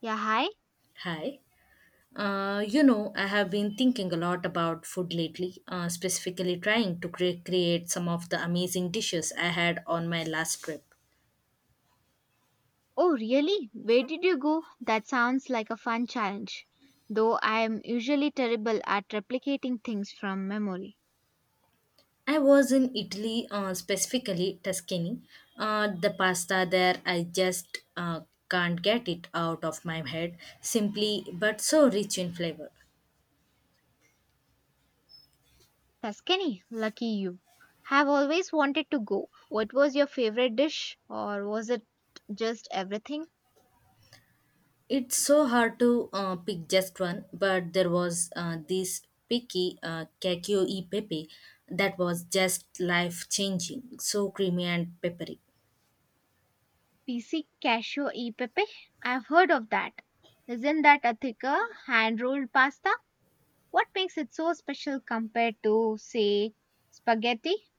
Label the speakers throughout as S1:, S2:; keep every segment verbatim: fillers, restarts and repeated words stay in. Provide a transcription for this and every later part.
S1: Yeah, hi.
S2: Hi. Uh, you know, I have been thinking a lot about food lately, uh, specifically trying to cre- create some of the amazing dishes I had on my last trip.
S1: Oh, really? Where did you go? That sounds like a fun challenge. Though I am usually terrible at replicating things from memory.
S2: I was in Italy, uh, specifically Tuscany. Uh, the pasta there, I just uh, can't get it out of my head, simply but so rich in flavor.
S1: Tuscany, lucky you. Have always wanted to go. What was your favorite dish, or was it just everything?
S2: It's so hard to uh, pick just one, but there was uh, this picky uh, Kakio e Pepe that was just life changing, so creamy and peppery.
S1: P C cashew e pepe? I've heard of that. Isn't that a thicker, hand rolled pasta? What makes it so special compared to, say, spaghetti?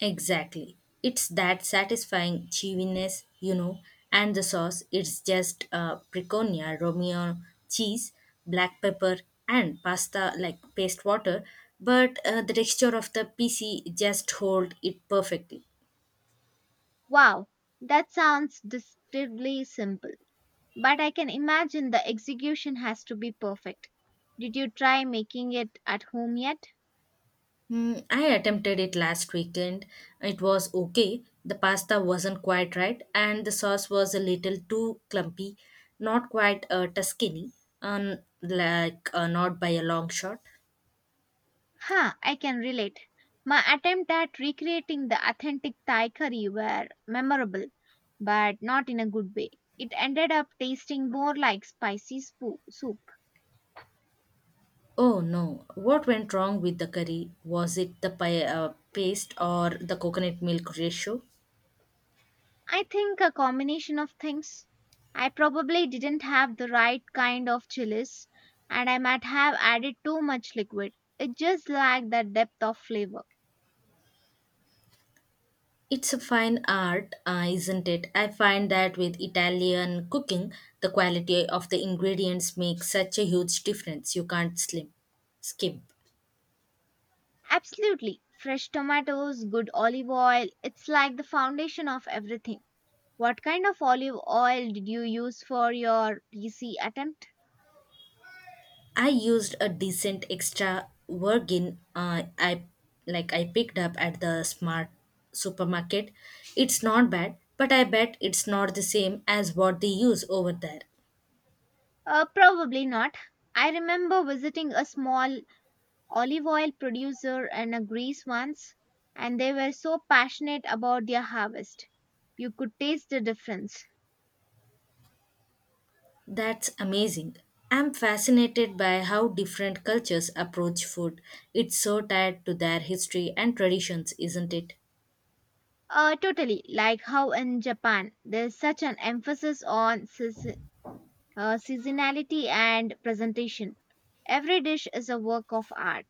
S2: Exactly. It's that satisfying chewiness, you know, and the sauce, it's just uh, preconia, Romeo cheese, black pepper, and pasta like paste water, but uh, the texture of the P C just hold it perfectly.
S1: Wow, that sounds deceptively simple, but I can imagine the execution has to be perfect. Did you try making it at home yet?
S2: Hmm, I attempted it last weekend. It was okay. The pasta wasn't quite right, and the sauce was a little too clumpy, not quite uh, Tuscany, um, like uh, not by a long shot.
S1: Huh, I can relate. My attempt at recreating the authentic Thai curry were memorable, but not in a good way. It ended up tasting more like spicy spoo- soup.
S2: Oh no, what went wrong with the curry? Was it the pi- uh, paste or the coconut milk ratio?
S1: I think a combination of things. I probably didn't have the right kind of chilies, and I might have added too much liquid. It just lacked that depth of flavor.
S2: It's a fine art, uh, isn't it? I find that with Italian cooking, the quality of the ingredients makes such a huge difference. You can't slim skimp.
S1: Absolutely. Fresh tomatoes, good olive oil, it's like the foundation of everything. What kind of olive oil did you use for your P C attempt?
S2: I used a decent extra virgin uh, I like I picked up at the smart supermarket. It's not bad, but I bet it's not the same as what they use over there.
S1: Uh, probably not. I remember visiting a small olive oil producer in a Greece once, and they were so passionate about their harvest. You could taste the difference.
S2: That's amazing. I'm fascinated by how different cultures approach food. It's so tied to their history and traditions, isn't it?
S1: Uh, totally, like how in Japan, there's such an emphasis on season, uh, seasonality and presentation. Every dish is a work of art.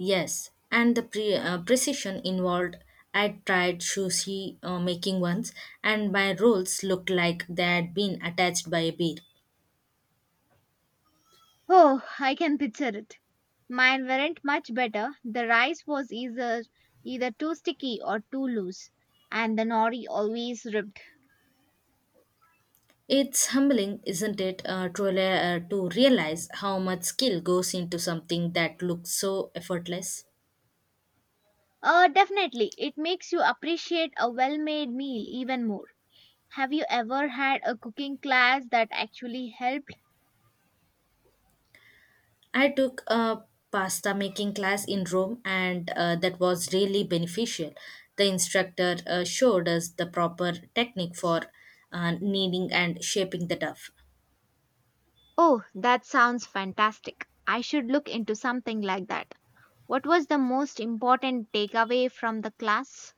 S2: Yes, and the pre- uh, precision involved. I tried sushi uh, making once, and my rolls looked like they had been attached by a bead.
S1: Oh, I can picture it. Mine weren't much better. The rice was either either too sticky or too loose, and the nori always ripped.
S2: It's humbling, isn't it, uh, to, rela- uh, to realize how much skill goes into something that looks so effortless.
S1: Uh, definitely. It makes you appreciate a well made meal even more. Have you ever had a cooking class that actually helped?
S2: I took a pasta making class in Rome, and uh, that was really beneficial. The instructor uh, showed us the proper technique for uh, kneading and shaping the dough.
S1: Oh, that sounds fantastic. I should look into something like that. What was the most important takeaway from the class?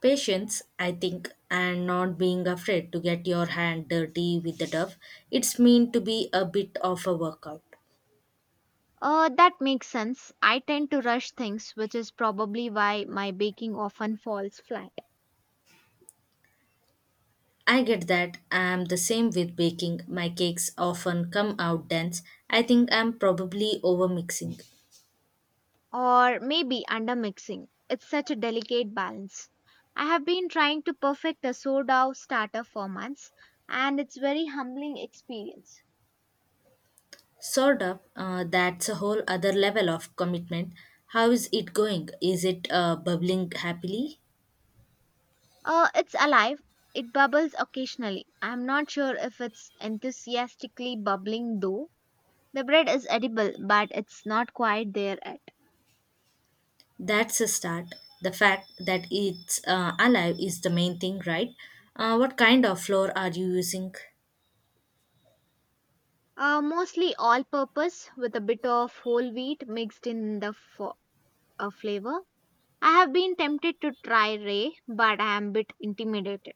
S2: Patience, I think, and not being afraid to get your hand dirty with the turf. It's meant to be a bit of a workout.
S1: Uh, that makes sense. I tend to rush things, which is probably why my baking often falls flat.
S2: I get that. I'm the same with baking. My cakes often come out dense. I think I'm probably over mixing.
S1: Or maybe undermixing. It's such a delicate balance. I have been trying to perfect a sourdough starter for months, and it's very humbling experience.
S2: Sort of. Uh, that's a whole other level of commitment. How is it going? Is it uh, bubbling happily?
S1: Uh, it's alive. It bubbles occasionally. I'm not sure if it's enthusiastically bubbling though. The bread is edible, but it's not quite there yet.
S2: That's a start. The fact that it's uh, alive is the main thing, right? Uh, what kind of flour are you using?
S1: Uh, mostly all purpose with a bit of whole wheat mixed in the fo- uh, flavor. I have been tempted to try Ray, but I am a bit intimidated.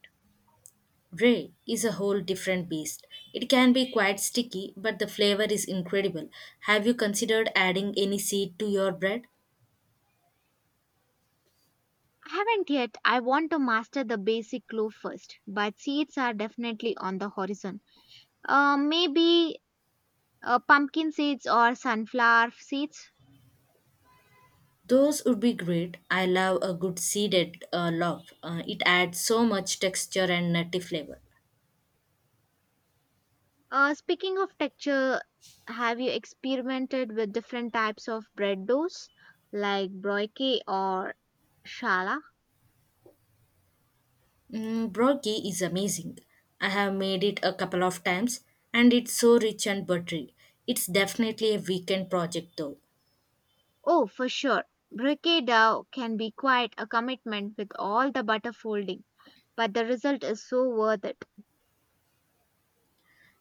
S2: Brie is a whole different beast. It can be quite sticky, but the flavor is incredible. Have you considered adding any seed to your bread?
S1: I haven't yet. I want to master the basic glue first, but seeds are definitely on the horizon. Uh, maybe uh, pumpkin seeds or sunflower seeds.
S2: Those would be great. I love a good seeded uh, loaf. Uh, it adds so much texture and nutty flavor.
S1: Uh, speaking of texture, have you experimented with different types of bread doughs like broikie or shala?
S2: Mm, Brokey is amazing. I have made it a couple of times and it's so rich and buttery. It's definitely a weekend project though.
S1: Oh, for sure. Broikie dough can be quite a commitment with all the butter folding, but the result is so worth it.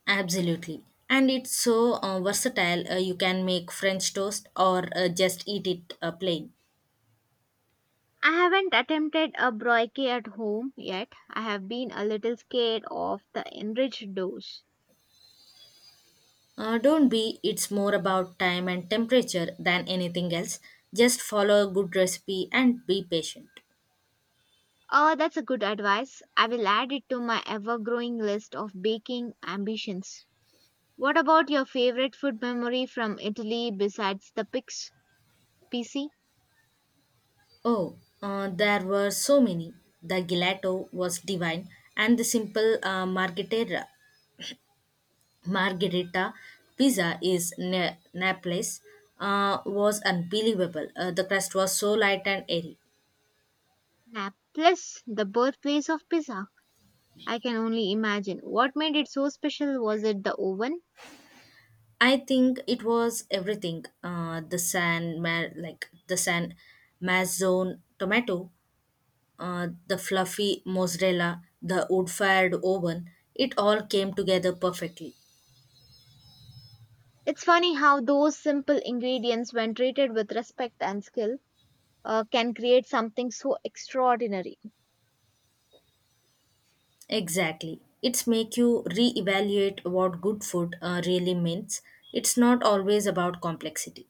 S2: Absolutely. And it's so uh, versatile. Uh, you can make French toast or uh, just eat it uh, plain.
S1: I haven't attempted a broikie at home yet. I have been a little scared of the enriched doughs.
S2: Uh, don't be, it's more about time and temperature than anything else. Just follow a good recipe and be patient.
S1: Oh, that's a good advice. I will add it to my ever growing list of baking ambitions. What about your favorite food memory from Italy besides the pics? P C?
S2: Oh, uh, there were so many. The gelato was divine, and the simple uh, margherita, margherita pizza is na- Naples uh, was unbelievable. Uh, the crust was so light and airy.
S1: Naples, the birthplace of pizza. I can only imagine. What made it so special? Was it the oven?
S2: I think it was everything. Uh, the San Ma- like the San Mazzone tomato, uh, the fluffy mozzarella, the wood-fired oven. It all came together perfectly.
S1: It's funny how those simple ingredients, when treated with respect and skill, uh, can create something so extraordinary.
S2: Exactly. It's make you reevaluate what good food uh, really means. It's not always about complexity.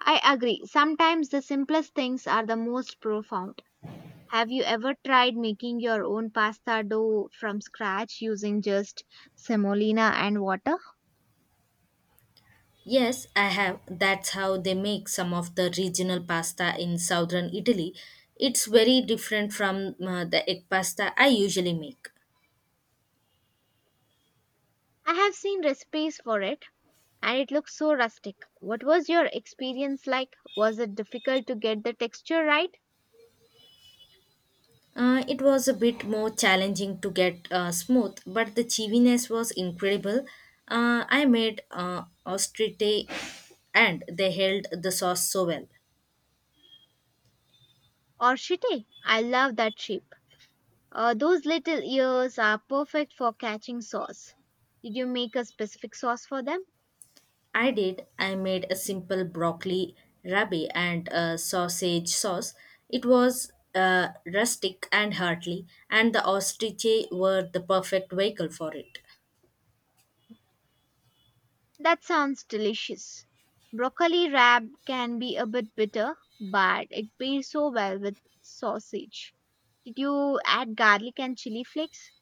S1: I agree. Sometimes the simplest things are the most profound. Have you ever tried making your own pasta dough from scratch using just semolina and water?
S2: Yes, I have. That's how they make some of the regional pasta in southern Italy. It's very different from uh, the egg pasta I usually make.
S1: I have seen recipes for it and it looks so rustic. What was your experience like? Was it difficult to get the texture right?
S2: Uh, it was a bit more challenging to get uh, smooth, but the cheesiness was incredible. Uh, I made uh, ostrite and they held the sauce so well.
S1: Or shitty? I love that shape. Uh, those little ears are perfect for catching sauce. Did you make a specific sauce for them?
S2: I did. I made a simple broccoli rabe and a sausage sauce. It was uh, rustic and hearty, and the ostrich were the perfect vehicle for it.
S1: That sounds delicious. Broccoli rabe can be a bit bitter, but it pairs so well with sausage. Did you add garlic and chili flakes?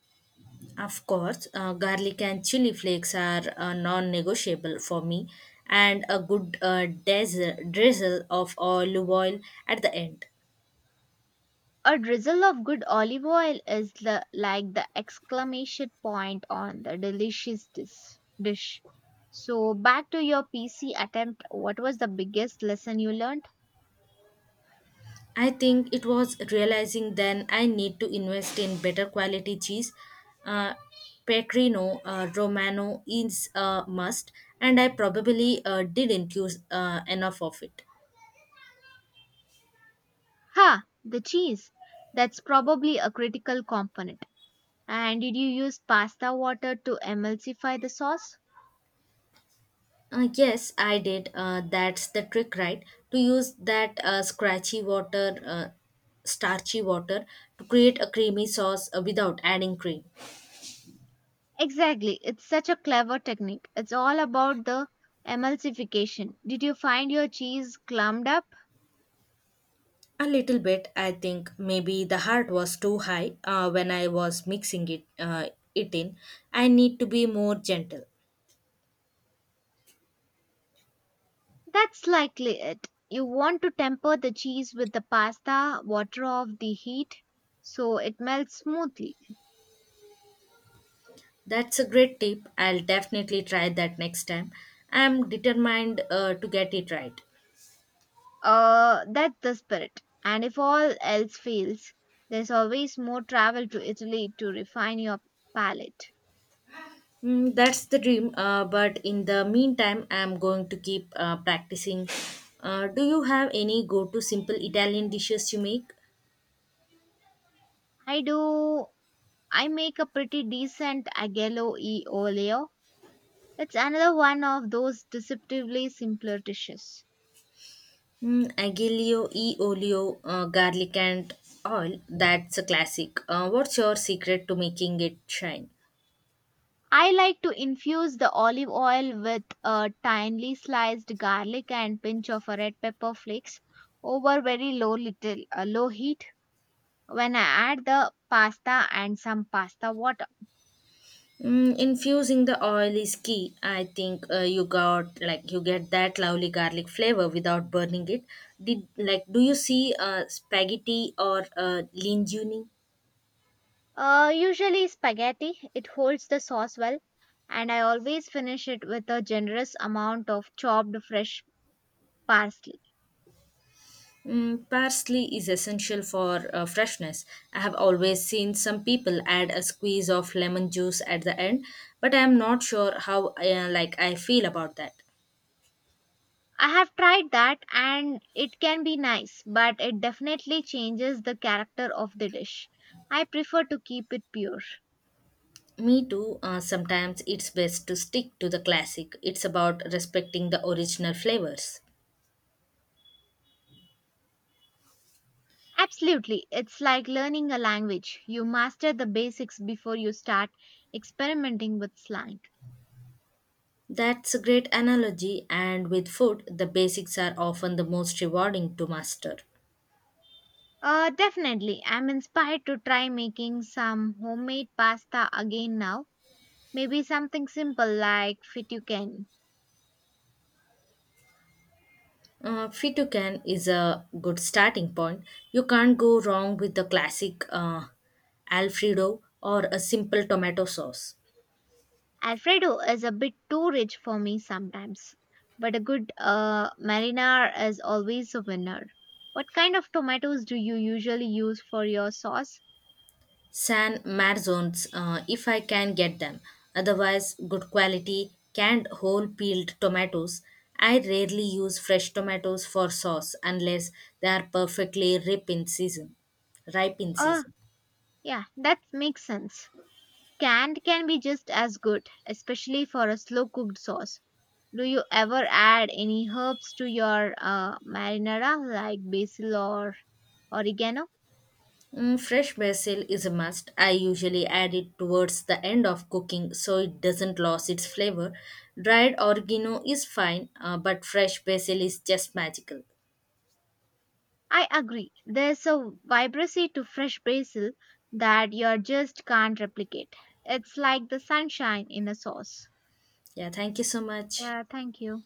S2: Of course, uh, garlic and chili flakes are uh, non-negotiable for me, and a good uh, dazzle, drizzle of olive oil at the end.
S1: A drizzle of good olive oil is the, like the exclamation point on the delicious dis- dish. So, back to your P C attempt, what was the biggest lesson you learned?
S2: I think it was realizing then I need to invest in better quality cheese. Uh, Pecorino uh, Romano is a must, and I probably uh, didn't use uh, enough of it.
S1: Ha! The cheese. That's probably a critical component. And did you use pasta water to emulsify the sauce?
S2: Uh, yes, I did. Uh, that's the trick, right? To use that uh, scratchy water, uh, starchy water to create a creamy sauce uh, without adding cream.
S1: Exactly. It's such a clever technique. It's all about the emulsification. Did you find your cheese clumped up?
S2: A little bit, I think. Maybe the heart was too high uh, when I was mixing it, uh, it in. I need to be more gentle.
S1: That's likely it. You want to temper the cheese with the pasta water of the heat so it melts smoothly.
S2: That's a great tip. I'll definitely try that next time. I'm determined uh, to get it right.
S1: Uh, that's the spirit. And if all else fails, there's always more travel to Italy to refine your palate.
S2: Mm, that's the dream. Uh, but in the meantime, I'm going to keep uh, practicing. Uh, do you have any go-to simple Italian dishes you make?
S1: I do I make a pretty decent aglio e olio. It's another one of those deceptively simpler dishes.
S2: Mm, aglio e olio, uh, garlic and oil. That's a classic. Uh, what's your secret to making it shine?
S1: I like to infuse the olive oil with a thinly sliced garlic and pinch of a red pepper flakes over very low little uh, low heat when I add the pasta and some pasta water.
S2: Mm, infusing the oil is key. I think uh, you got like you get that lovely garlic flavor without burning it. Did like Do you see uh, spaghetti or uh, linguine?
S1: Uh, usually spaghetti, it holds the sauce well and I always finish it with a generous amount of chopped fresh parsley.
S2: Mm, parsley is essential for uh, freshness. I have always seen some people add a squeeze of lemon juice at the end, but I am not sure how uh, like I feel about that.
S1: I have tried that and it can be nice, but it definitely changes the character of the dish. I prefer to keep it pure.
S2: Me too. Uh, sometimes it's best to stick to the classic. It's about respecting the original flavors.
S1: Absolutely, it's like learning a language. You master the basics before you start experimenting with slang.
S2: That's a great analogy, and with food, the basics are often the most rewarding to master.
S1: Uh, definitely, I'm inspired to try making some homemade pasta again now. Maybe something simple like fettuccine.
S2: Uh, Fitucan is a good starting point. You can't go wrong with the classic uh, Alfredo or a simple tomato sauce.
S1: Alfredo is a bit too rich for me sometimes, but a good uh, marinara is always a winner. What kind of tomatoes do you usually use for your sauce?
S2: San Marzones, uh, if I can get them. Otherwise, good quality canned whole peeled tomatoes. I rarely use fresh tomatoes for sauce unless they are perfectly ripe in season. Ripe in
S1: Oh,
S2: season.
S1: yeah, that makes sense. Canned can be just as good, especially for a slow cooked sauce. Do you ever add any herbs to your uh, marinara like basil or oregano?
S2: Mm, fresh basil is a must. I usually add it towards the end of cooking so it doesn't lose its flavor. Dried oregano is fine, uh, but fresh basil is just magical.
S1: I agree. There's a vibrancy to fresh basil that you just can't replicate. It's like the sunshine in a sauce.
S2: Yeah, thank you so much.
S1: Yeah, thank you.